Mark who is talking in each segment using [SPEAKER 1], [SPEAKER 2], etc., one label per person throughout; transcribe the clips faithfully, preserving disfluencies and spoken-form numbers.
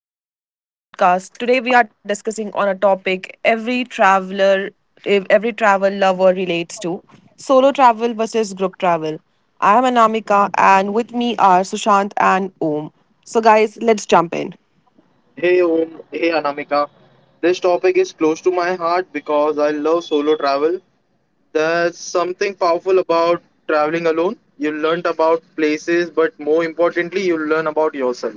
[SPEAKER 1] Uh, welcome back to our podcast. Today, we are discussing on a topic every traveler, ev- every travel lover relates to: solo travel versus group travel. I am Anamika, and with me are Sushant and Om. So, guys, let's jump in.
[SPEAKER 2] Hey Om, hey Anamika. This topic is close to my heart because I love solo travel. There's something powerful about traveling alone. You learn about places, but more importantly, you learn about yourself.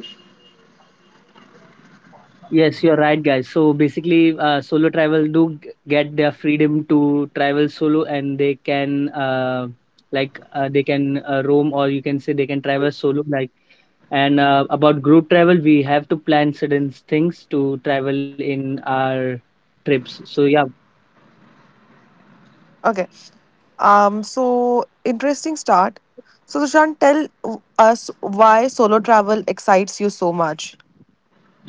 [SPEAKER 3] Yes, you're right, guys. So basically, uh, solo travel do g- get their freedom to travel solo, and they can uh, like uh, they can uh, roam, or you can say they can travel solo. Like and uh, About group travel, we have to plan certain things to travel in our trips. So yeah.
[SPEAKER 1] Okay. Um. So, interesting start. So, Sushant, tell us why solo travel excites you so much.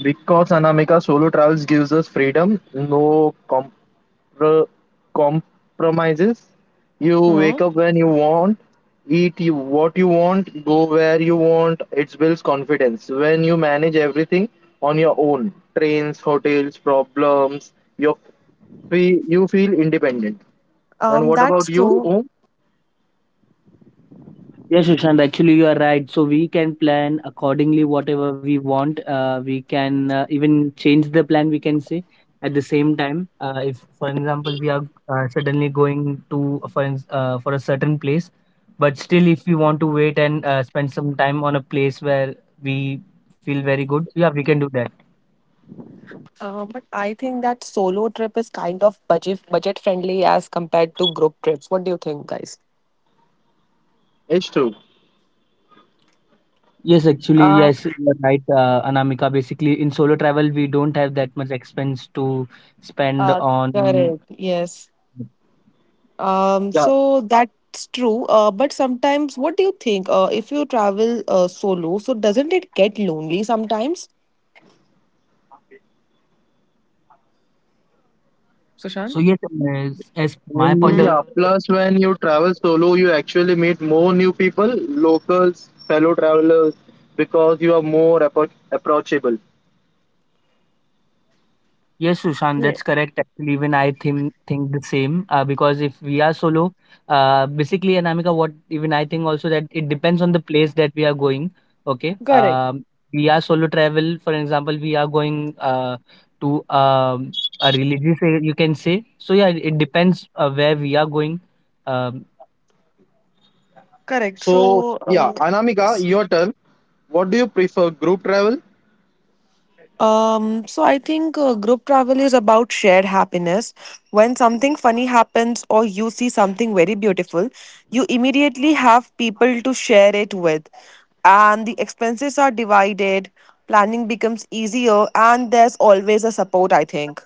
[SPEAKER 2] Because Anamika, solo travels gives us freedom, no compr- compromises. You wake
[SPEAKER 1] Hmm.
[SPEAKER 2] up when you want, eat you, what you want, go where you want. It builds confidence. When you manage everything on your own, trains, hotels, problems, you feel you feel independent. And
[SPEAKER 1] Um.
[SPEAKER 2] what about
[SPEAKER 1] That's
[SPEAKER 2] you?
[SPEAKER 1] true.
[SPEAKER 2] Oh.
[SPEAKER 3] Yes, Sushant, actually you are right. So we can plan accordingly whatever we want. Uh, we can uh, even change the plan, we can say, at the same time. Uh, if, for example, we are uh, suddenly going to for, ins- uh, for a certain place, but still if we want to wait and uh, spend some time on a place where we feel very good, yeah, we can do that.
[SPEAKER 1] Uh, but I think that solo trip is kind of budget budget friendly as compared to group trips. What do you think, guys?
[SPEAKER 2] It's true.
[SPEAKER 3] Yes, actually,
[SPEAKER 1] Uh,
[SPEAKER 3] yes, you're right, uh, Anamika. Basically, in solo travel, we don't have that much expense to spend
[SPEAKER 1] uh,
[SPEAKER 3] on.
[SPEAKER 1] correct. Yes. Um,
[SPEAKER 2] Yeah.
[SPEAKER 1] so that's true. Uh, but sometimes, what do you think? Uh, if you travel uh, solo, so doesn't it get lonely sometimes?
[SPEAKER 3] So
[SPEAKER 1] Sushan?
[SPEAKER 3] yes, as, as my point of
[SPEAKER 1] Hmm.
[SPEAKER 2] Yeah, plus when you travel solo, you actually meet more new people, locals, fellow travelers, because you are more appro- approachable.
[SPEAKER 3] Yes, Sushant, that's
[SPEAKER 1] Yes.
[SPEAKER 3] correct. Actually, even I think think the same. Uh, because if we are solo, uh, basically, Anamika, what even I think also, that it depends on the place that we are going. Okay,
[SPEAKER 1] Correct.
[SPEAKER 3] um, we are solo travel. For example, we are going uh, to um, a religious area, you can say. So yeah, it depends uh, where we are going. Um.
[SPEAKER 1] Correct.
[SPEAKER 2] So,
[SPEAKER 1] So.
[SPEAKER 2] yeah,
[SPEAKER 1] Uh,
[SPEAKER 2] Anamika,
[SPEAKER 1] yes.
[SPEAKER 2] your turn. What do you prefer, group travel?
[SPEAKER 1] Um, so I think uh, group travel is about shared happiness. When something funny happens or you see something very beautiful, you immediately have people to share it with, and the expenses are divided, planning becomes easier, and there's always a support, I think.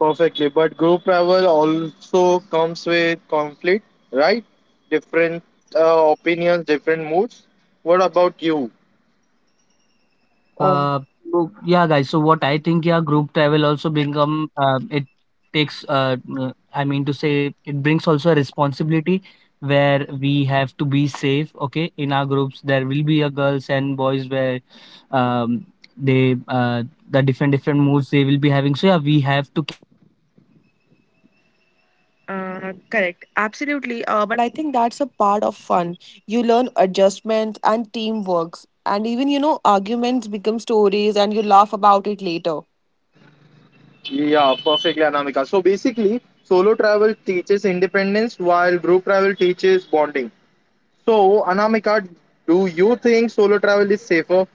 [SPEAKER 2] Perfectly, but group travel also comes with conflict, right? Different uh, opinions, different moods. What about you?
[SPEAKER 1] Um,
[SPEAKER 3] Uh, so yeah, guys. So what I think, yeah, group travel also become uh, it takes. Uh, uh, I mean to say, it brings also a responsibility where we have to be safe. Okay, in our groups, there will be a girls and boys where um, they uh, the different different moods they will be having. So yeah, we have to keep uh, be responsible uh, person, and
[SPEAKER 1] uh,
[SPEAKER 3] yeah, we
[SPEAKER 1] Correct,
[SPEAKER 3] have to travel.
[SPEAKER 1] absolutely. Uh, but I think that's a part of fun. You learn adjustment and teamwork, and even you know arguments become stories, and you laugh about it later.
[SPEAKER 2] Yeah, perfectly, Anamika. So basically, solo travel teaches independence while group travel teaches bonding. So, Anamika, do you think solo travel is safer?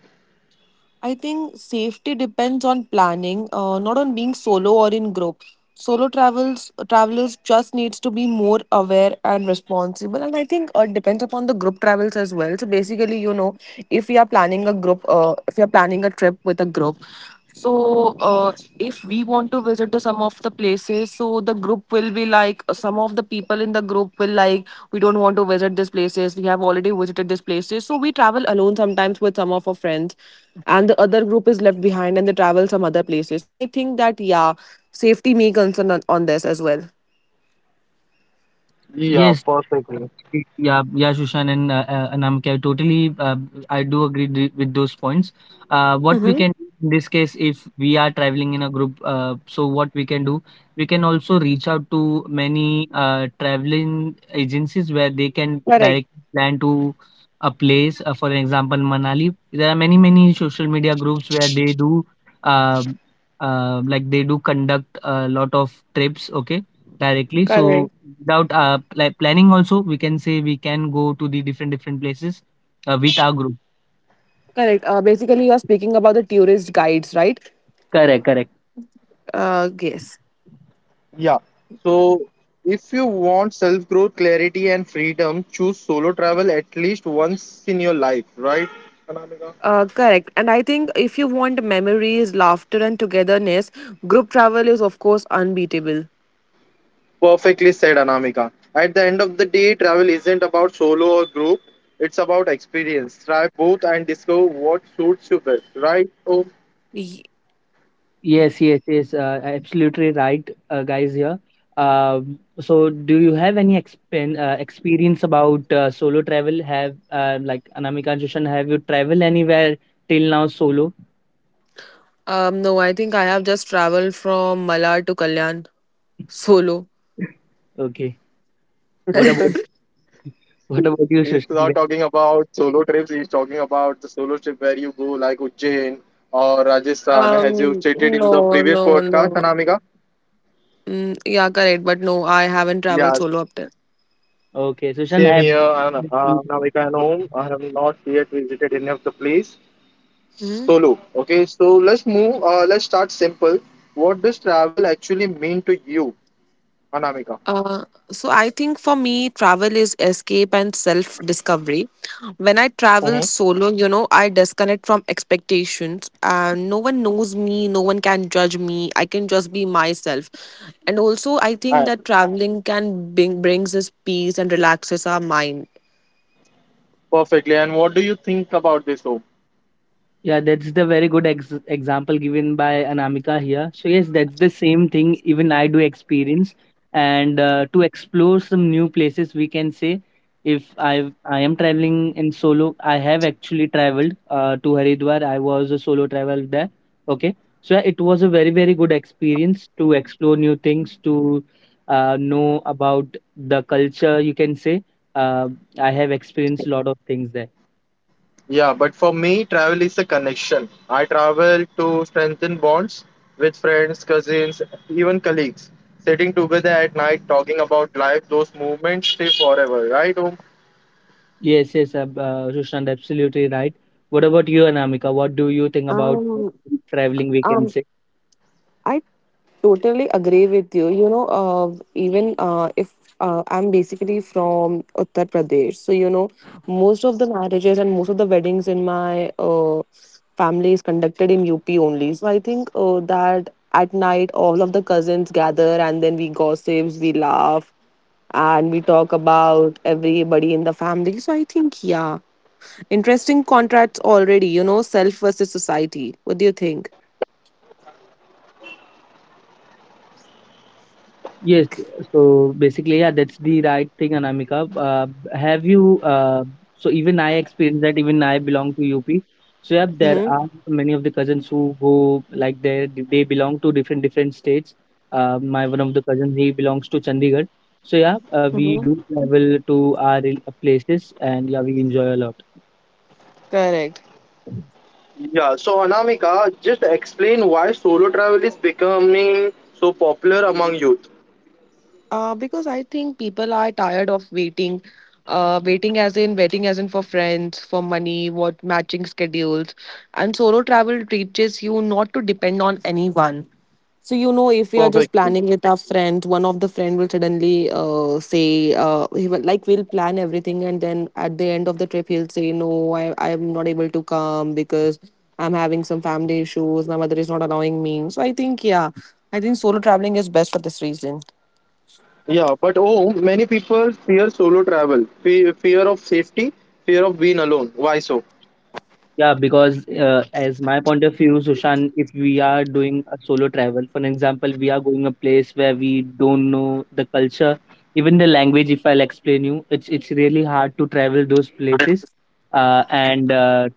[SPEAKER 1] I think safety depends on planning, uh, not on being solo or in group. Solo travels travelers just needs to be more aware and responsible, and I think uh, it depends upon the group travels as well. So basically, you know, if we are planning a group uh, if we are planning a trip with a group, so uh, if we want to visit to some of the places, so the group will be like uh, some of the people in the group will like, we don't want to visit these places, we have already visited these places, so we travel alone sometimes with some of our friends, and the other group is left behind and they travel some other places. So I think that, yeah, safety may concern on, on this as well.
[SPEAKER 2] Yeah,
[SPEAKER 3] Yes.
[SPEAKER 2] perfectly.
[SPEAKER 3] Okay, yeah, yeah, Shushan and uh, uh, Anamika, I totally, uh, I do agree th- with those points. Uh, what we
[SPEAKER 1] Mm-hmm.
[SPEAKER 3] can do in this case, if we are traveling in a group, uh, so what we can do, we can also reach out to many uh, traveling agencies where they can
[SPEAKER 1] correct
[SPEAKER 3] direct plan to a place. Uh, for example, Manali. There are many, many social media groups where they do, uh, uh, like they do conduct a lot of trips. Okay, directly. So
[SPEAKER 1] correct
[SPEAKER 3] without uh, pl- planning also, we can say we can go to the different different places uh, with our group.
[SPEAKER 1] correct. Uh, basically, you are speaking about the tourist guides, right?
[SPEAKER 3] Correct, correct.
[SPEAKER 1] Uh, yes.
[SPEAKER 2] Yeah. So, if you want self growth, clarity, and freedom, choose solo travel at least once in your life, right, Anamika?
[SPEAKER 1] Uh, correct. And I think if you want memories, laughter, and togetherness, group travel is, of course, unbeatable.
[SPEAKER 2] Perfectly said, Anamika. At the end of the day, travel isn't about solo or group, it's about experience. Try both and discover what suits you best, right? Oh.
[SPEAKER 1] Ye-
[SPEAKER 3] Yes, yes, yes. Uh, absolutely right, uh, guys here. Um, so, do you have any expen uh, experience about uh, solo travel? Have uh, like Anamika and Shushan, have you traveled anywhere till now solo?
[SPEAKER 1] Um, no, I think I have just traveled from Malar to Kalyan solo.
[SPEAKER 3] Okay. What about what about
[SPEAKER 2] He's
[SPEAKER 3] you,
[SPEAKER 2] not
[SPEAKER 3] Shushan?
[SPEAKER 2] talking about solo trips. He's talking about the solo trip where you go like Ujjain or Rajasthan, as you
[SPEAKER 1] Um,
[SPEAKER 2] stated in the
[SPEAKER 1] no,
[SPEAKER 2] previous
[SPEAKER 1] no,
[SPEAKER 2] podcast,
[SPEAKER 1] no.
[SPEAKER 2] Anamika.
[SPEAKER 1] Mm, yeah, correct. But no, I
[SPEAKER 2] Yeah,
[SPEAKER 1] haven't traveled solo up there.
[SPEAKER 3] Okay, Shushan,
[SPEAKER 2] same
[SPEAKER 3] have.
[SPEAKER 2] here. And uh, now we can home. I have not yet visited any of the place
[SPEAKER 1] Mm-hmm.
[SPEAKER 2] solo. Okay, so let's move. Uh, let's start simple. What does travel actually mean to you, Anamika?
[SPEAKER 1] Uh, so I think for me, travel is escape and self discovery. When I travel
[SPEAKER 2] Hmm.
[SPEAKER 1] solo, you know, I disconnect from expectations, and no one knows me, no one can judge me. I can just be myself, and also I
[SPEAKER 2] Uh,
[SPEAKER 1] think that traveling can bring brings us peace and relaxes our mind.
[SPEAKER 2] perfectly. And what do you think about this, home?
[SPEAKER 3] Yeah, that's the very good ex- example given by Anamika here. So yes, that's the same thing even I do experience, and uh, to explore some new places, we can say, if I I am traveling in solo, I have actually traveled uh, to Haridwar. I was a solo travel there. Okay, so yeah, it was a very very good experience to explore new things, to uh, know about the culture. You can say uh, I have experienced a lot of things there.
[SPEAKER 2] Yeah, but for me, travel is a connection. I travel to strengthen bonds with friends, cousins, even colleagues. Sitting together at night, talking about life, those moments stay forever, right, Om?
[SPEAKER 3] Yes, yes, ab- uh, Sushant, absolutely right. What about you, Anamika? What do you think about
[SPEAKER 1] Um,
[SPEAKER 3] traveling, we can
[SPEAKER 1] um,
[SPEAKER 3] say?
[SPEAKER 1] I totally agree with you. You know, uh, even uh, if uh, I'm basically from Uttar Pradesh, so you know, most of the marriages and most of the weddings in my uh, family is conducted in U P only. So I think uh, that at night all of the cousins gather, and then we gossips, we laugh, and we talk about everybody in the family. So I think, yeah, interesting contrasts already. You know, self versus society. What do you think?
[SPEAKER 3] Yes, so basically, yeah, that's the right thing, Anamika. Uh, have you, uh, so even I experienced that, even I belong to U P. So, yeah, there
[SPEAKER 1] Mm-hmm.
[SPEAKER 3] are many of the cousins who go like they they belong to different different states. Uh, my one of the cousins, he belongs to Chandigarh. So, yeah, uh, we
[SPEAKER 1] Mm-hmm.
[SPEAKER 3] do travel to our rel- places, and yeah, we enjoy a lot.
[SPEAKER 1] Correct.
[SPEAKER 2] Yeah, so Anamika, just explain why solo travel is becoming so popular among youth.
[SPEAKER 1] Uh, because I think people are tired of waiting, uh, waiting as in waiting as in for friends, for money, what matching schedules, and solo travel teaches you not to depend on anyone. So you know, if we are just
[SPEAKER 2] Perfectly.
[SPEAKER 1] planning with our friends, one of the friend will suddenly uh, say, uh, he will, like, we'll plan everything, and then at the end of the trip he'll say, no, I I'm not able to come because I'm having some family issues. My mother is not allowing me. So I think, yeah, I think solo traveling is best for this reason.
[SPEAKER 2] Yeah, but oh, many people fear solo travel, fe- fear of safety, fear of being alone. Why so?
[SPEAKER 3] Yeah, because uh, as my point of view, Sushan, if we are doing a solo travel, for an example, we are going a place where we don't know the culture, even the language. If I'll explain you, it's it's really hard to travel those places, uh, and uh,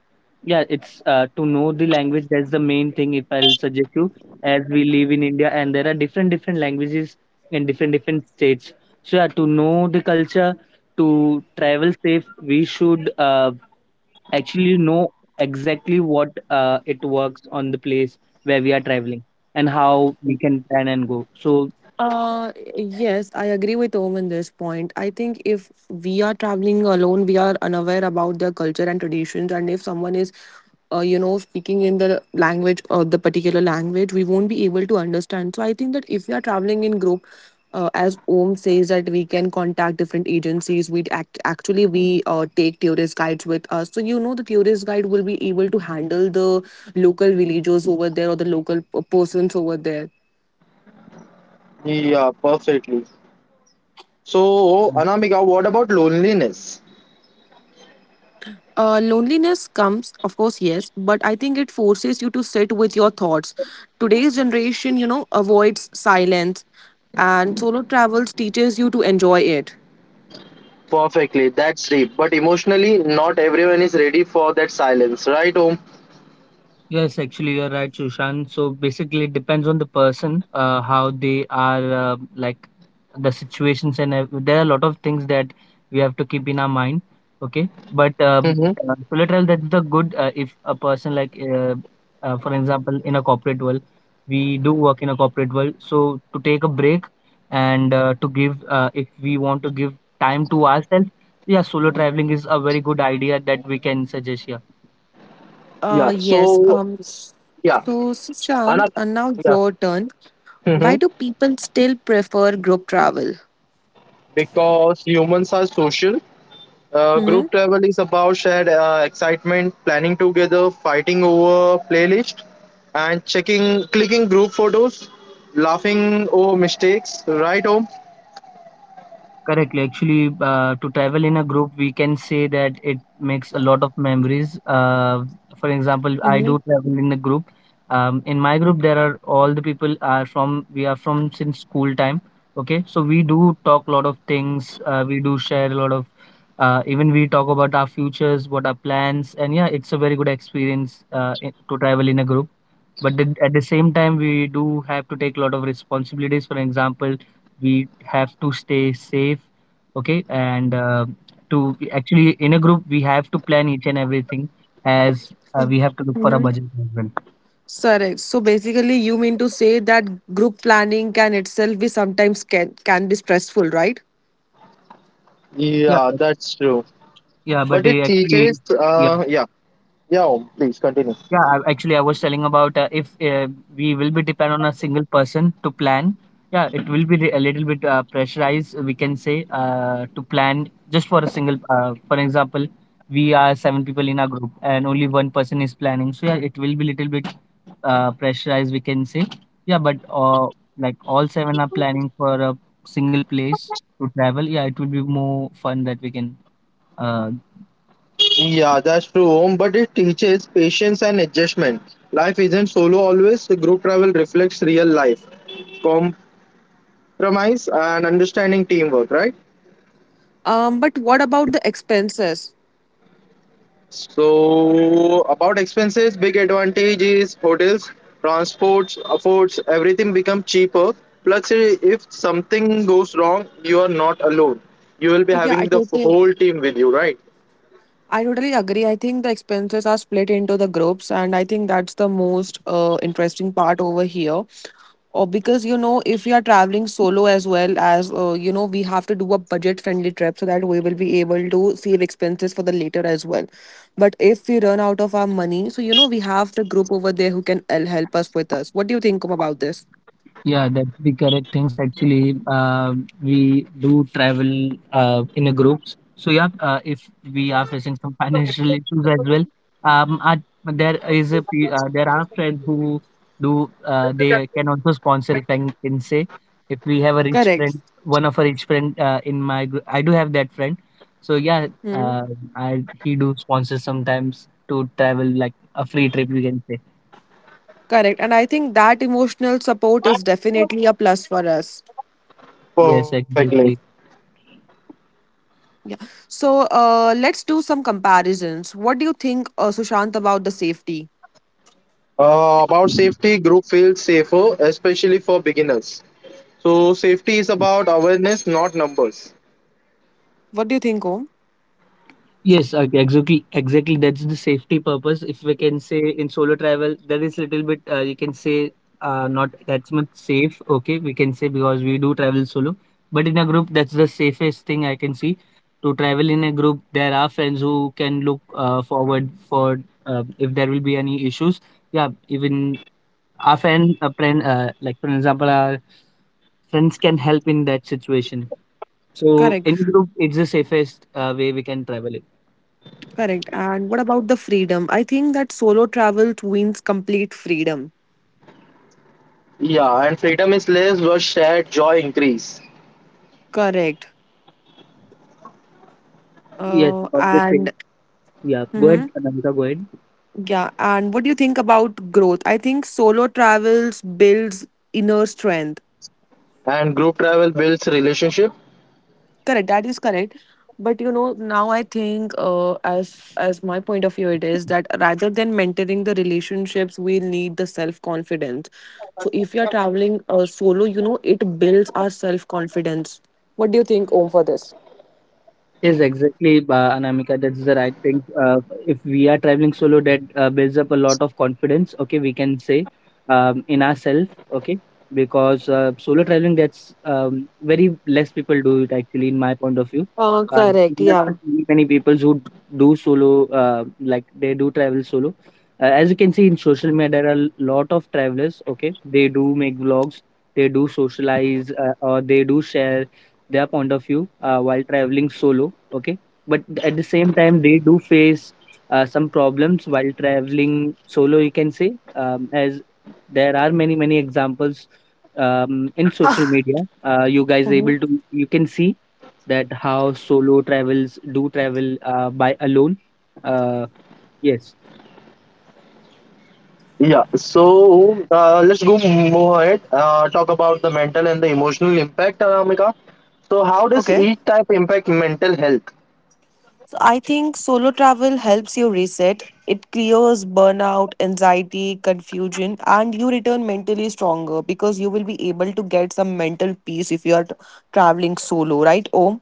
[SPEAKER 3] yeah, it's uh, to know the language. That's the main thing. If I'll suggest you, as we live in India, and there are different different languages in different different states. So yeah, to know the culture, to travel safe, we should. Uh, actually know exactly what uh, it works on the place where we are traveling and how we can plan and go. So.
[SPEAKER 1] Uh, yes, I agree with Om in this point. I think if we are traveling alone, we are unaware about their culture and traditions, and if someone is uh, you know speaking in the language or the particular language, we won't be able to understand. So I think that if we are traveling in group, uh, as Om says, that we can contact different agencies. We act actually we uh, take tourist guides with us. So you know the tourist guide will be able to handle the local villagers over there or the local p- persons over there.
[SPEAKER 2] Yeah, perfectly. So, Anamika, what about loneliness?
[SPEAKER 1] Uh, loneliness comes, of course, yes, but I think it forces you to sit with your thoughts. Today's generation, you know, avoids silence, and solo travels teaches you to enjoy it.
[SPEAKER 2] Perfectly, that's deep. But emotionally, not everyone is ready for that silence, right, Om?
[SPEAKER 3] Yes, actually, you're right, Sushant. So basically, it depends on the person, uh, how they are, uh, like the situations, and ev- there are a lot of things that we have to keep in our mind. Okay, but um,
[SPEAKER 2] Mm-hmm.
[SPEAKER 3] uh, solo travel, that's the good. Uh, if a person like, uh, uh, for example, in a corporate world, we do work in a corporate world, so to take a break and uh, to give, uh, if we want to give time to ourselves, yeah, solo traveling is a very good idea that we can suggest here.
[SPEAKER 1] Uh,
[SPEAKER 2] Yeah,
[SPEAKER 1] yes.
[SPEAKER 2] so,
[SPEAKER 1] Um,
[SPEAKER 2] yeah,
[SPEAKER 1] so, Sushant,
[SPEAKER 2] Anamika.
[SPEAKER 1] uh, now
[SPEAKER 2] Yeah.
[SPEAKER 1] your turn. Why
[SPEAKER 2] Hmm.
[SPEAKER 1] do people still prefer group travel?
[SPEAKER 2] Because humans are social. Uh,
[SPEAKER 1] Mm-hmm.
[SPEAKER 2] group travel is about shared uh, excitement, planning together, fighting over playlist, and checking, clicking group photos, laughing over mistakes, right, Om?
[SPEAKER 3] Correctly. Actually, uh, to travel in a group, we can say that it makes a lot of memories. Uh, for example, I
[SPEAKER 1] Mm-hmm.
[SPEAKER 3] do travel in a group. Um, in my group, there are all the people are from we are from since school time. Okay, so we do talk a lot of things. Uh, we do share a lot of. Uh, even we talk about our futures, what our plans, and yeah, it's a very good experience uh, in, to travel in a group. But the, at the same time, we do have to take a lot of responsibilities. For example, we have to stay safe. Okay, and uh, to actually in a group, we have to plan each and everything, as uh, we have to look for a
[SPEAKER 1] Mm-hmm.
[SPEAKER 3] budget as well.
[SPEAKER 1] Correct. So basically, you mean to say that group planning can itself be sometimes can, can be stressful, right?
[SPEAKER 3] yeah
[SPEAKER 2] Yeah,
[SPEAKER 3] but,
[SPEAKER 2] that's true.
[SPEAKER 3] yeah but
[SPEAKER 2] But it
[SPEAKER 3] uh, actually
[SPEAKER 2] teaches,
[SPEAKER 3] yeah.
[SPEAKER 2] uh, yeah, yeah, Om, please continue.
[SPEAKER 3] Yeah, I- actually, I was telling about uh, if uh, we will be depend on a single person to plan. Yeah, it will be re- a little bit uh, pressurized, we can say, uh, to plan just for a single. Uh, for example, we are seven people in our group, and only one person is planning. So yeah, it will be little bit uh, pressurized, we can say. Yeah, but uh, Like all seven are planning for a single place to travel. Yeah, it will be more fun that we can uh.
[SPEAKER 2] Yeah, that's true, Om. But it teaches patience and adjustment. Life isn't solo always. Group travel reflects real life, compromise, and understanding teamwork, right?
[SPEAKER 1] Um, but what about the expenses?
[SPEAKER 2] So about expenses, big advantage is hotels, transports, affords, everything become cheaper. Plus, i- if something goes wrong, you are not alone. You will be
[SPEAKER 1] Yeah, I
[SPEAKER 2] having the f-
[SPEAKER 1] totally,
[SPEAKER 2] whole team with you, right?
[SPEAKER 1] I totally agree. I think the expenses are split into the groups, and I think that's the most uh, interesting part over here. Or because you know, if we are traveling solo as well as uh, you know, we have to do a budget-friendly trip so that we will be able to save expenses for the later as well. But if we run out of our money, so you know, we have the group over there who can el- help us with us. What do you think about this?
[SPEAKER 3] Yeah, that's the correct things. Actually, uh, we do travel uh, in a groups. So yeah, uh, if we are facing some financial issues as well, um, uh, there is a pe- uh, there are friends who do uh, they can also sponsor. If I can can say, if we have a rich
[SPEAKER 1] Correct.
[SPEAKER 3] friend, one of a rich friend uh, in my group, I do have that friend. So yeah,
[SPEAKER 1] Hmm.
[SPEAKER 3] uh, I he do sponsor sometimes to travel like a free trip. You can say.
[SPEAKER 1] Correct. And I think that emotional support is definitely a plus for us.
[SPEAKER 3] Yes,
[SPEAKER 2] Perfectly.
[SPEAKER 3] exactly.
[SPEAKER 1] Yeah. So uh, let's do some comparisons. What do you think, uh, Sushant, about the safety?
[SPEAKER 2] Uh, about safety, group feels safer, especially for beginners. So safety is about awareness, not numbers.
[SPEAKER 1] What do you think, Om?
[SPEAKER 3] Yes, okay, exactly, exactly. That's the safety purpose. If we can say in solo travel, there is little bit uh, you can say uh, not that much safe. Okay, we can say, because we do travel solo, but in a group, that's the safest thing I can see. To travel in a group, there are friends who can look uh, forward for uh, if there will be any issues. Yeah, even our friend, a friend, uh, like for example, our friends can help in that situation. So in
[SPEAKER 1] Correct.
[SPEAKER 3] group, it's the safest uh, way we can travel it.
[SPEAKER 1] Correct. And what about the freedom? I think that solo travel means complete freedom.
[SPEAKER 2] Yeah, and freedom is less, but shared joy increase.
[SPEAKER 1] Correct.
[SPEAKER 3] Yes,
[SPEAKER 1] Uh,
[SPEAKER 3] about the same.
[SPEAKER 1] and
[SPEAKER 3] Yeah, go ahead,
[SPEAKER 1] Hmm.
[SPEAKER 3] Anamika, go ahead.
[SPEAKER 1] Yeah. And what do you think about growth? I think solo travels builds inner strength.
[SPEAKER 2] And group travel builds relationship.
[SPEAKER 1] Correct, that is correct. But you know, now I think, uh, as as my point of view, it is that rather than mentoring the relationships, we need the self confidence. So if you're traveling uh, solo, you know, it builds our self confidence. What do you think, Om, for this?
[SPEAKER 3] Yes, exactly, uh, Anamika, that's the right thing. Uh, if we are traveling solo, that uh, builds up a lot of confidence, okay, we can say, um, in ourselves, okay, because uh, solo traveling, that's um, very less people do it actually, in my point of view.
[SPEAKER 1] Uh,
[SPEAKER 3] Um,
[SPEAKER 1] correct,
[SPEAKER 3] there are not
[SPEAKER 1] yeah.
[SPEAKER 3] many, many people who do solo, uh, like they do travel solo. Uh, as you can see in social media, there are a lot of travelers, okay, they do make vlogs, they do socialize, uh, or they do share their point of view uh, while traveling solo. Okay, but at the same time, they do face uh, some problems while traveling solo, you can say. Um, as there are many many examples um, in social media, uh, you guys
[SPEAKER 1] Mhm.
[SPEAKER 3] able to you can see that how solo travels do travel uh, by alone, uh, yes.
[SPEAKER 2] Yeah, so uh, let's go move ahead. Uh, talk about the mental and the emotional impact, Anamika. So, how does
[SPEAKER 1] Okay.
[SPEAKER 2] each type impact mental health?
[SPEAKER 1] I think solo travel helps you reset. It clears burnout, anxiety, confusion, and you return mentally stronger because you will be able to get some mental peace if you are t- traveling solo, right? Om?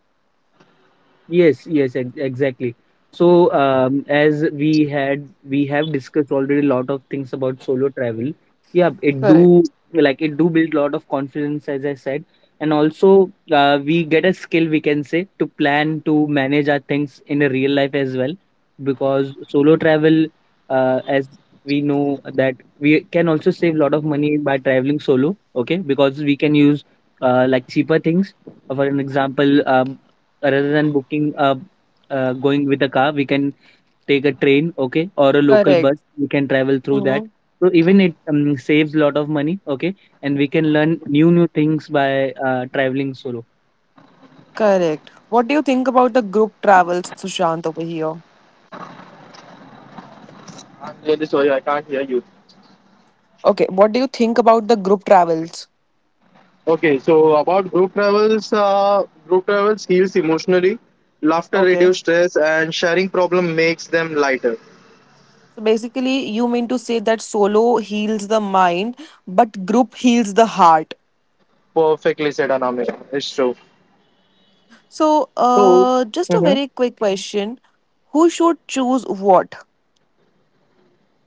[SPEAKER 3] Yes, yes, ex- exactly. So, um, as we had we have discussed already a lot of things about solo travel. Yeah, it
[SPEAKER 1] Correct.
[SPEAKER 3] do like it do build a lot of confidence, as I said, and also uh, we get a skill, we can say, to plan, to manage our things in a real life as well, because solo travel, uh, as we know that we can also save a lot of money by traveling solo. Okay, because we can use uh, like cheaper things. Uh, For an example, uh, rather than booking uh, uh, going with a car, we can take a train, okay, or a local bus.
[SPEAKER 1] Correct.
[SPEAKER 3] We can travel through that.
[SPEAKER 1] Hmm.
[SPEAKER 3] So even it um, saves lot of money, okay, and we can learn new new things by uh, traveling solo.
[SPEAKER 1] Correct. What do you think about the group travels, Sushant, over here?
[SPEAKER 2] I'm really sorry, I can't hear you.
[SPEAKER 1] Okay, what do you think about the group travels?
[SPEAKER 2] Okay, so about group travels, uh, group travels heals emotionally. Laughter
[SPEAKER 1] Okay.
[SPEAKER 2] reduces stress, and sharing problem makes them lighter.
[SPEAKER 1] So basically, you mean to say that solo heals the mind, but group heals the heart.
[SPEAKER 2] Perfectly said, Anamika. It's true.
[SPEAKER 1] So,
[SPEAKER 2] So,
[SPEAKER 1] uh, just a
[SPEAKER 2] mhm,
[SPEAKER 1] very quick question. Who should choose what?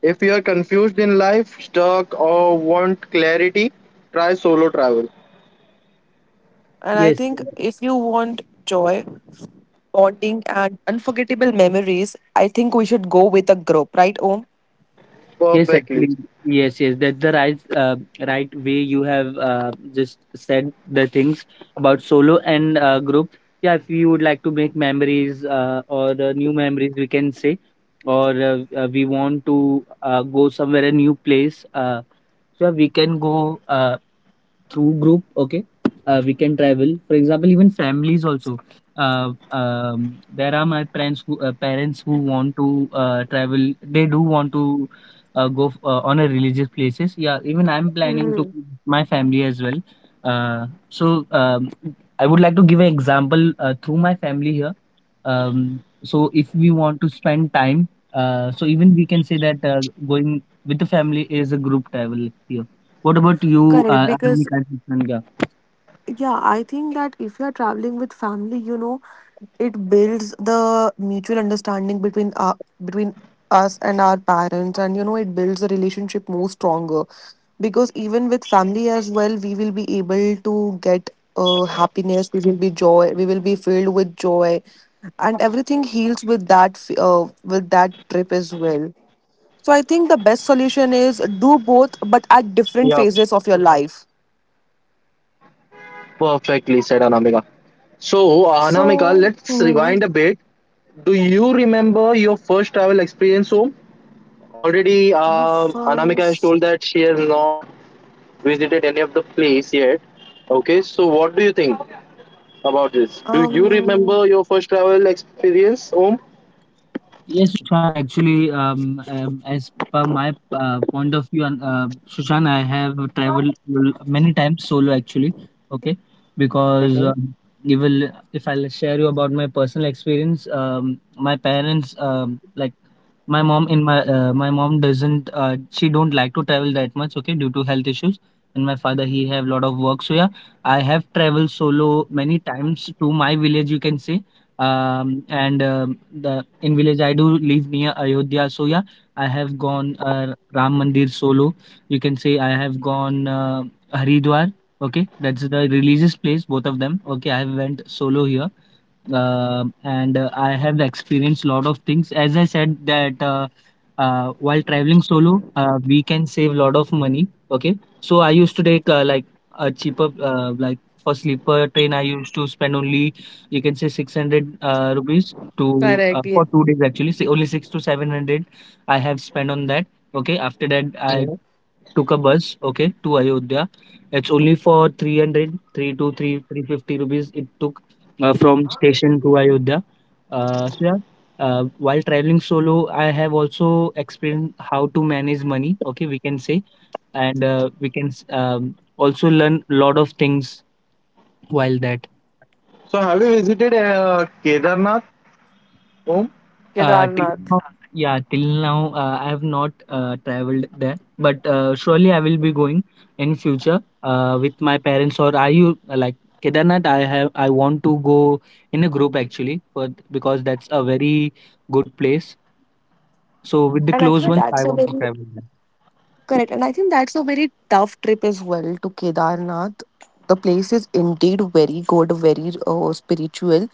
[SPEAKER 2] if you are confused in life, stuck, or want clarity, try solo travel.
[SPEAKER 1] And I
[SPEAKER 3] Yes,
[SPEAKER 1] think if you want joy, bonding, and unforgettable memories, I think we should go with a group, right, Om?
[SPEAKER 3] Yes,
[SPEAKER 2] Perfectly.
[SPEAKER 3] actually, yes, yes. That's the right, uh, right way you have uh, just said the things about solo and uh, group. Yeah, if you would like to make memories uh, or uh, new memories, we can say, or uh, uh, we want to uh, go somewhere a new place. Uh, so yeah, we can go uh, through group, okay, uh, we can travel, for example, even families also. Uh, um, there are my parents who uh, parents who want to uh, travel. They do want to uh, go f- uh, on a religious places. Yeah, even I'm planning to
[SPEAKER 1] Hmm.
[SPEAKER 3] with my family as well. uh, so um, I would like to give an example uh, through my family here. Um, so if we want to spend time, uh, so even we can say that uh, going with the family is a group travel here. What about you,
[SPEAKER 1] Correct,
[SPEAKER 3] uh,
[SPEAKER 1] because
[SPEAKER 3] Anamika and Sangha?
[SPEAKER 1] yeah, I think that if you're traveling with family, you know, it builds the mutual understanding between uh, between us and our parents, and you know it builds the relationship more stronger, because even with family as well we will be able to get uh, happiness, we will be joy, we will be filled with joy, and everything heals with that f- uh, with that trip as well. So I think the best solution is do both but
[SPEAKER 2] Yeah.
[SPEAKER 1] at different phases of your life.
[SPEAKER 2] Perfectly said, Anamika. So, Anamika,
[SPEAKER 1] So
[SPEAKER 2] let's rewind a bit. Do you remember your first travel experience, home? Already,
[SPEAKER 1] the
[SPEAKER 2] uh, Anamika has
[SPEAKER 1] first,
[SPEAKER 2] told that she has not visited any of the place yet. Okay, so what do you think about this? Do you
[SPEAKER 1] um,
[SPEAKER 2] remember your first travel experience, home?
[SPEAKER 3] Yes, Sushan, actually, um, um, as per my uh, point of view, and uh, Sushan, I have traveled l- many times solo, actually, okay? Because
[SPEAKER 2] Mhm.
[SPEAKER 3] um, you will, if I'll share you about my personal experience, um, my parents, um, like my mom in my uh, my mom doesn't uh, she don't like to travel that much, okay, due to health issues. And my father, he have lot of work. So yeah, I have traveled solo many times to my village, you can say. Um and um the in village, I do live near Ayodhya, so yeah, I have gone uh, Ram Mandir solo, you can say. I have gone uh, Haridwar, okay, that's the religious place, both of them, okay. I went solo here. Um and uh, I have experienced a lot of things. As I said that uh, uh, while traveling solo, uh, we can save a lot of money. Okay, so I used to take uh, like a cheaper uh, like for sleeper train. I used to spend only, you can say, six hundred uh, rupees to uh,
[SPEAKER 1] correct. Yeah.
[SPEAKER 3] for two days, actually. Say only six to seven hundred I have spent on that. Okay, after that I
[SPEAKER 2] Mhm.
[SPEAKER 3] took a bus, okay, to Ayodhya. It's only for three hundred, three to three, three fifty rupees it took uh, from station to Ayodhya. Uh, so yeah, uh, while traveling solo, I have also experienced how to manage money, okay, we can say, and uh, we can s- um, also learn lot of things while that.
[SPEAKER 2] So, have you visited uh, Kedarnath, home?
[SPEAKER 3] Uh, till
[SPEAKER 1] Kedarnath.
[SPEAKER 3] now, yeah, till now uh, I have not uh, traveled there, but uh, surely I will be going in future uh, with my parents. Or are you uh, like Kedarnath? I have I want to go in a group, actually, for because that's a very good place. So with the
[SPEAKER 1] And
[SPEAKER 3] close
[SPEAKER 1] actually
[SPEAKER 3] ones, I
[SPEAKER 1] that's a
[SPEAKER 3] want
[SPEAKER 1] very
[SPEAKER 3] to travel there.
[SPEAKER 1] Correct, and I think that's a very tough trip as well to Kedarnath. The place is indeed very good, very uh, spiritual,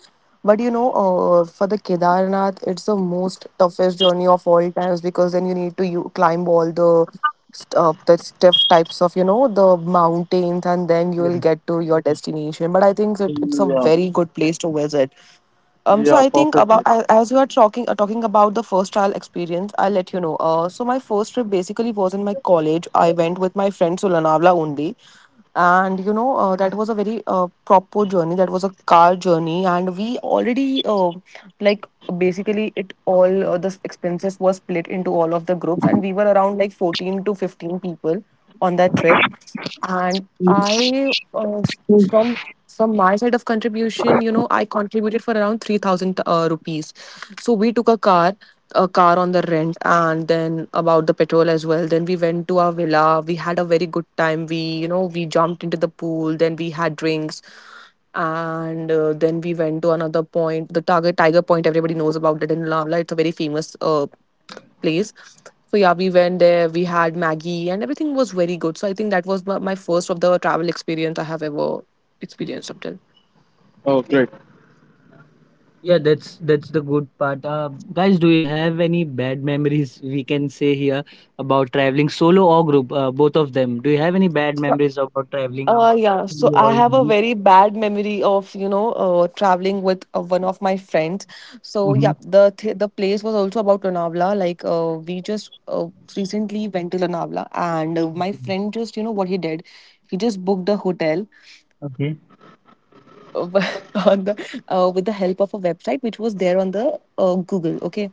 [SPEAKER 1] but you know, uh, for the Kedarnath, it's the most toughest journey of all times because then you need to you climb all the st- uh, the stiff types of you know the mountains, and then you
[SPEAKER 3] Yeah,
[SPEAKER 1] will get to your destination. But I think that it's a
[SPEAKER 2] Yeah,
[SPEAKER 1] very good place to visit. Um, so
[SPEAKER 2] yeah,
[SPEAKER 1] I think about
[SPEAKER 2] perfectly.
[SPEAKER 1] a- as you are talking uh, talking about the first trial experience, I'll let you know. Uh, so my first trip basically was in my college. I went with my friends friend Sulanavla only, and you know uh, that was a very uh, proper journey. That was a car journey, and we already uh, like basically it all uh, the expenses was split into all of the groups, and we were around like fourteen to fifteen people on that trip. And I uh, from from my side of contribution, you know, I contributed for around three thousand uh, rupees. So we took a car a car on the rent, and then about the petrol as well. Then we went to our villa, we had a very good time, we you know we jumped into the pool, then we had drinks, and uh, then we went to another point, the target tiger point, everybody knows about it in Lavla. It's a very famous uh, place. So yeah, we went there. We had Maggie, and everything was very good. So I think that was my my first of the travel experience I have ever experienced up till.
[SPEAKER 2] Oh, great.
[SPEAKER 3] Yeah, that's that's the good part. Uh, guys, do you have any bad memories, we can say here, about traveling solo or group? Uh, both of them. Do you have any bad
[SPEAKER 1] So,
[SPEAKER 3] memories about traveling
[SPEAKER 1] uh, yeah. So
[SPEAKER 3] solo
[SPEAKER 1] I
[SPEAKER 3] or in
[SPEAKER 1] have a
[SPEAKER 3] group?
[SPEAKER 1] very bad memory of you know uh, traveling with uh, one of my friends. So yeah,
[SPEAKER 3] Mhm.
[SPEAKER 1] the th- the place was also about Lonavala. Like uh, we just uh, recently went to Lonavala, and uh, my friend just you know what he did, he just booked the hotel
[SPEAKER 3] Okay.
[SPEAKER 1] uh, on the uh, with the help of a website which was there on the uh, Google. Okay,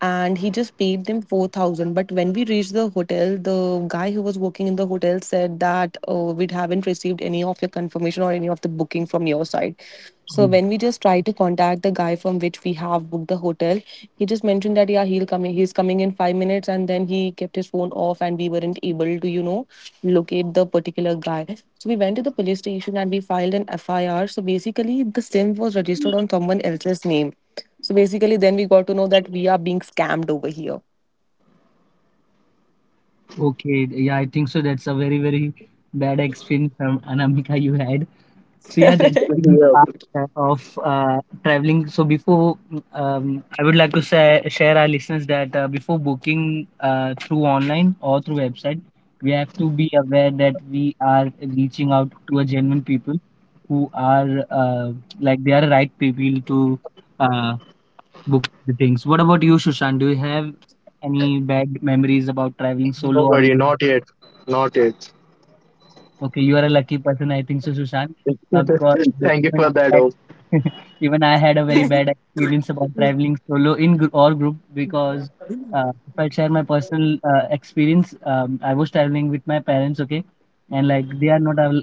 [SPEAKER 1] and he just paid them four thousand, but when we reached the hotel, the guy who was working in the hotel said that uh, we haven't received any of your confirmation or any of the booking from your side. So
[SPEAKER 3] Mm.
[SPEAKER 1] when we just tried to contact the guy from which we have booked the hotel, he just mentioned that yeah, he'll come in, he's coming in five minutes, and then he kept his phone off and we weren't able to you know locate the particular guy. So we went to the police station and we filed an F I R. So basically the sim was registered on someone else's name, so basically then we got to know that we are being scammed over here.
[SPEAKER 3] Okay. Yeah, I think so. That's a very, very bad experience, um, Anamika, you had. So yeah, that's the
[SPEAKER 2] Yeah.
[SPEAKER 3] part uh, of uh, traveling. So before, um, I would like to say, share our listeners that uh, before booking uh, through online or through website, we have to be aware that we are reaching out to a genuine people who are uh, like they are right people to uh, book the things. What about you, Shushan? Do you have any bad memories about traveling solo or
[SPEAKER 2] Nobody,
[SPEAKER 3] in...
[SPEAKER 2] not yet, not yet.
[SPEAKER 3] Okay, you are a lucky person, I think so, Shushan. Of course,
[SPEAKER 2] Thank you
[SPEAKER 3] even
[SPEAKER 2] for
[SPEAKER 3] I
[SPEAKER 2] that.
[SPEAKER 3] had
[SPEAKER 2] Oh,
[SPEAKER 3] even I had a very bad experience about traveling solo in gr- or group because uh, if I share my personal uh, experience, um, I was traveling with my parents, okay, and like they are not al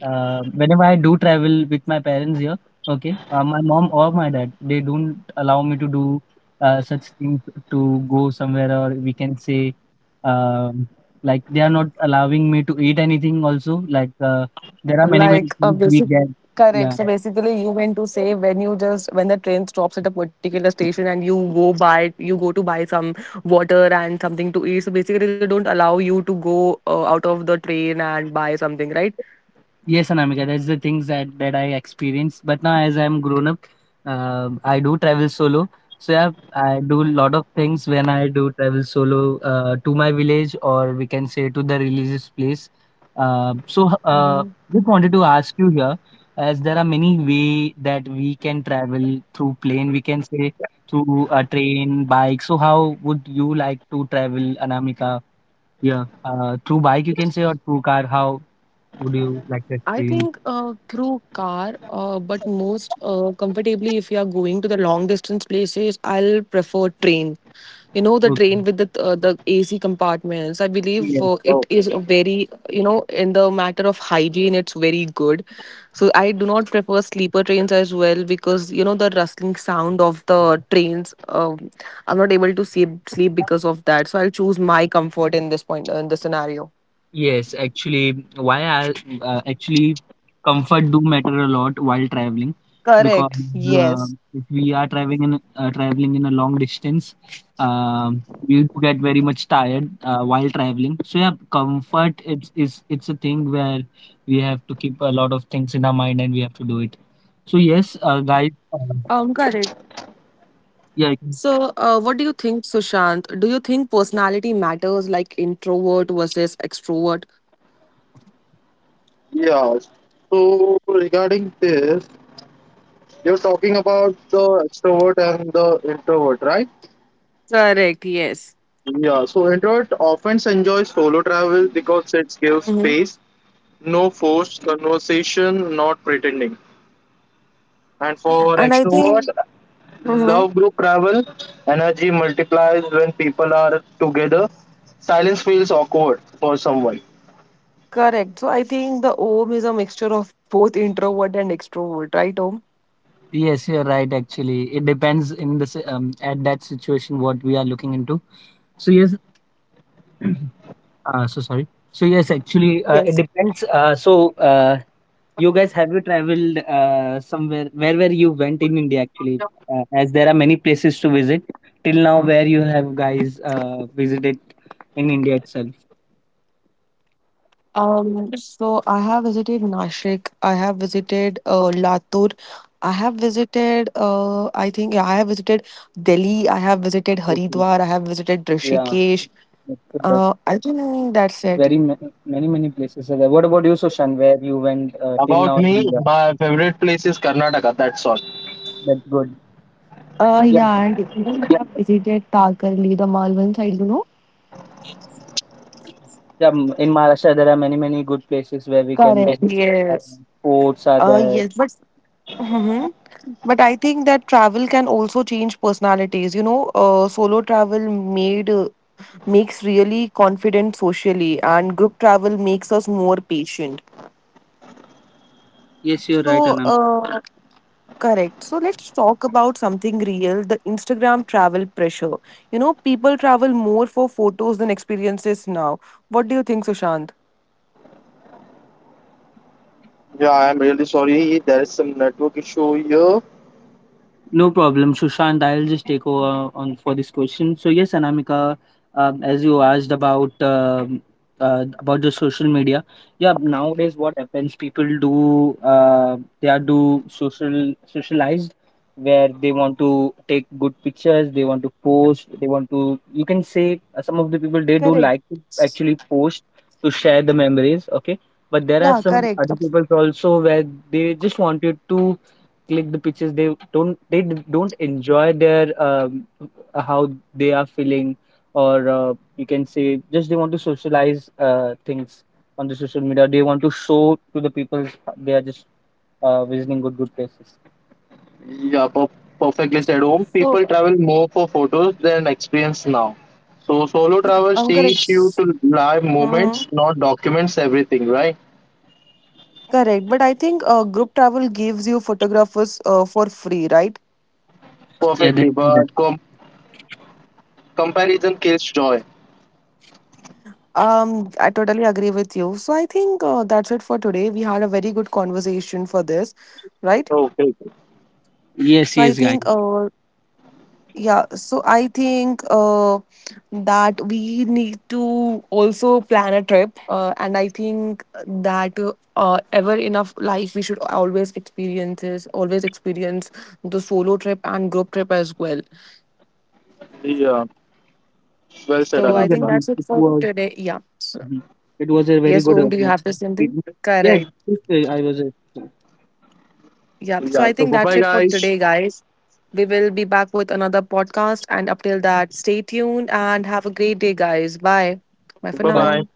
[SPEAKER 3] uh, whenever I do travel with my parents here, okay, uh, my mom or my dad, they don't allow me to do uh, such things, to go somewhere, or we can say, um, like they are not allowing me to eat anything. Also, like, uh, there are many many
[SPEAKER 1] Like a
[SPEAKER 3] things we
[SPEAKER 1] basic,
[SPEAKER 3] get.
[SPEAKER 1] correct,
[SPEAKER 3] Yeah.
[SPEAKER 1] so basically you meant to say when you just when the train stops at a particular station and you go buy you go to buy some water and something to eat, so basically they don't allow you to go uh, out of the train and buy something, right?
[SPEAKER 3] Yes, Anamika, that's the things that, that I experienced. But now, as I'm grown up, uh, I do travel solo. So yeah, I do a lot of things when I do travel solo uh, to my village, or we can say to the religious place. Uh, so uh, just wanted to ask you here, as there are many way that we can travel through plane, we can say, through a train, bike. So how would you like to travel, Anamika? Yeah, uh, through bike you can say, or through car. How would you like to
[SPEAKER 1] I
[SPEAKER 3] experience?
[SPEAKER 1] think uh, through car, uh, but most uh, comfortably, if you are going to the long distance places, I'll prefer train. You know, the
[SPEAKER 3] Okay.
[SPEAKER 1] train with the uh, the A C compartments. I believe
[SPEAKER 3] Yes,
[SPEAKER 1] uh, it
[SPEAKER 2] oh.
[SPEAKER 1] is a very, you know, in the matter of hygiene, it's very good. So I do not prefer sleeper trains as well because you know the rustling sound of the trains. Um, I'm not able to sleep sleep because of that. So I'll choose my comfort in this point in the scenario.
[SPEAKER 3] yes. Actually, why I uh, actually comfort do matter a lot while traveling because
[SPEAKER 1] Correct.
[SPEAKER 3] uh,
[SPEAKER 1] Yes.
[SPEAKER 3] if we are traveling in uh, traveling in a long distance, um, we do get very much tired uh, while traveling. So yeah, comfort, it's is it's a thing where we have to keep a lot of things in our mind and we have to do it. So yes, uh, guys.
[SPEAKER 1] Um.
[SPEAKER 3] Uh,
[SPEAKER 1] Correct.
[SPEAKER 3] yeah.
[SPEAKER 1] So,
[SPEAKER 3] you
[SPEAKER 1] uh, what do you think, Sushant? Do you think personality matters, like introvert versus extrovert?
[SPEAKER 2] Yeah. So regarding this, you're talking about the extrovert and the introvert, right?
[SPEAKER 1] Correct, yes.
[SPEAKER 2] Yeah. So introvert often enjoys solo travel because it gives
[SPEAKER 1] Mm-hmm.
[SPEAKER 2] space, no forced conversation, not pretending. And for
[SPEAKER 1] And I
[SPEAKER 2] extrovert,
[SPEAKER 1] think, hmm,
[SPEAKER 2] love group travel, energy multiplies when people are together. Silence feels awkward for someone.
[SPEAKER 1] correct. So I think the Om is a mixture of both introvert and extrovert, right, Om?
[SPEAKER 3] Yes, you're right. Actually, it depends in the si- um, at that situation what we are looking into. So yes, Uh, so sorry. So yes, actually, uh, it
[SPEAKER 1] Yes.
[SPEAKER 3] depends. Uh, so uh, you guys have you traveled uh, somewhere? Where where you went in India, actually? Uh, as there are many places to visit. Till now, where you have guys uh, visited in India itself?
[SPEAKER 1] Um, so I have visited Nashik, I have visited uh, Latur, I have visited, uh, I think, yeah, I have visited Delhi, I have visited Haridwar, I have visited
[SPEAKER 3] Okay.
[SPEAKER 1] Rishikesh.
[SPEAKER 3] Yeah.
[SPEAKER 1] Uh, I
[SPEAKER 3] That's, uh,
[SPEAKER 1] think that's it.
[SPEAKER 3] very ma- many many places are there. What about you, Sushan? Where you went uh, till
[SPEAKER 2] About
[SPEAKER 3] now in
[SPEAKER 2] me,
[SPEAKER 3] India?
[SPEAKER 2] my favorite place is Karnataka. That's all.
[SPEAKER 3] That's good.
[SPEAKER 1] Uh,
[SPEAKER 3] Yeah.
[SPEAKER 1] yeah, and even we have visited Takarli, the Malvan side, you know?
[SPEAKER 3] Yeah, m- in Maharashtra, there are many, many good places where we can
[SPEAKER 1] Correct.
[SPEAKER 3] go. Uh,
[SPEAKER 1] Yes.
[SPEAKER 3] Forts are
[SPEAKER 1] Uh,
[SPEAKER 3] there.
[SPEAKER 1] yes, but hmm, but I think that travel can also change personalities. You know, uh, solo travel made uh, makes really confident socially, and group travel makes us more patient.
[SPEAKER 3] Yes, you're right,
[SPEAKER 1] So,
[SPEAKER 3] Anam.
[SPEAKER 1] uh, correct. So let's talk about something real, the Instagram travel pressure. You know, people travel more for photos than experiences now. What do you think, Sushant?
[SPEAKER 2] Yeah, I'm really sorry. There's some network issue here.
[SPEAKER 3] No problem, Sushant. I'll just take over on for this question. So yes, Anamika, um, as you asked about um uh, about the social media, yeah. Nowadays, what happens? People do uh, they are do social socialized, where they want to take good pictures, they want to post, they want to. You can say uh, some of the people they do
[SPEAKER 1] Correct.
[SPEAKER 3] like to actually post to share the memories. Okay, but there are
[SPEAKER 1] Yeah,
[SPEAKER 3] some
[SPEAKER 1] correct. Uh,
[SPEAKER 3] other people also where they just wanted to click the pictures. They don't they d- don't enjoy their um, how they are feeling, or uh, you can say, just they want to socialize uh, things on the social media. They want to show to the people they are just uh, visiting good good places.
[SPEAKER 2] Yeah, per- perfectly said, home.
[SPEAKER 1] So,
[SPEAKER 2] People travel more for photos than experience now. So solo travels
[SPEAKER 1] um, correct.
[SPEAKER 2] teach you
[SPEAKER 1] S-
[SPEAKER 2] to live
[SPEAKER 1] mhm.
[SPEAKER 2] moments, not documents everything, right?
[SPEAKER 1] Correct. But I think uh, group travel gives you photographers uh, for free, right?
[SPEAKER 3] Yeah, that,
[SPEAKER 2] Perfectly,
[SPEAKER 3] that.
[SPEAKER 2] but com- comparison kills joy.
[SPEAKER 1] Um, I totally agree with you. So I think uh, that's it for today. We had a very good conversation for this, right?
[SPEAKER 2] Okay. Okay.
[SPEAKER 3] Yes,
[SPEAKER 1] So I
[SPEAKER 3] yes, guys.
[SPEAKER 1] think uh, yeah, so I think uh, that we need to also plan a trip, uh, and I think that uh, ever enough life we should always experience is always experience the solo trip and group trip as well.
[SPEAKER 2] Yeah. Well said,
[SPEAKER 1] So I
[SPEAKER 3] Things that
[SPEAKER 1] think
[SPEAKER 2] Aramita.
[SPEAKER 3] we-
[SPEAKER 1] that's it
[SPEAKER 3] it
[SPEAKER 1] for
[SPEAKER 3] was,
[SPEAKER 1] today. Yeah. So,
[SPEAKER 3] Mhm. it was a very
[SPEAKER 1] yes,
[SPEAKER 3] good uh,
[SPEAKER 1] Om, do you have to say something?
[SPEAKER 3] experience. Yeah
[SPEAKER 1] Correct.
[SPEAKER 3] it- I was uh,
[SPEAKER 1] Yep. So
[SPEAKER 2] Yeah.
[SPEAKER 1] I
[SPEAKER 2] So
[SPEAKER 1] think
[SPEAKER 2] bye
[SPEAKER 1] that's
[SPEAKER 2] bye,
[SPEAKER 1] it for
[SPEAKER 2] guys.
[SPEAKER 1] today, guys. We will be back with another podcast, and up till that, stay tuned and have a great day, guys. Bye. Bye for
[SPEAKER 2] Bye bye.
[SPEAKER 1] now.
[SPEAKER 3] Bye.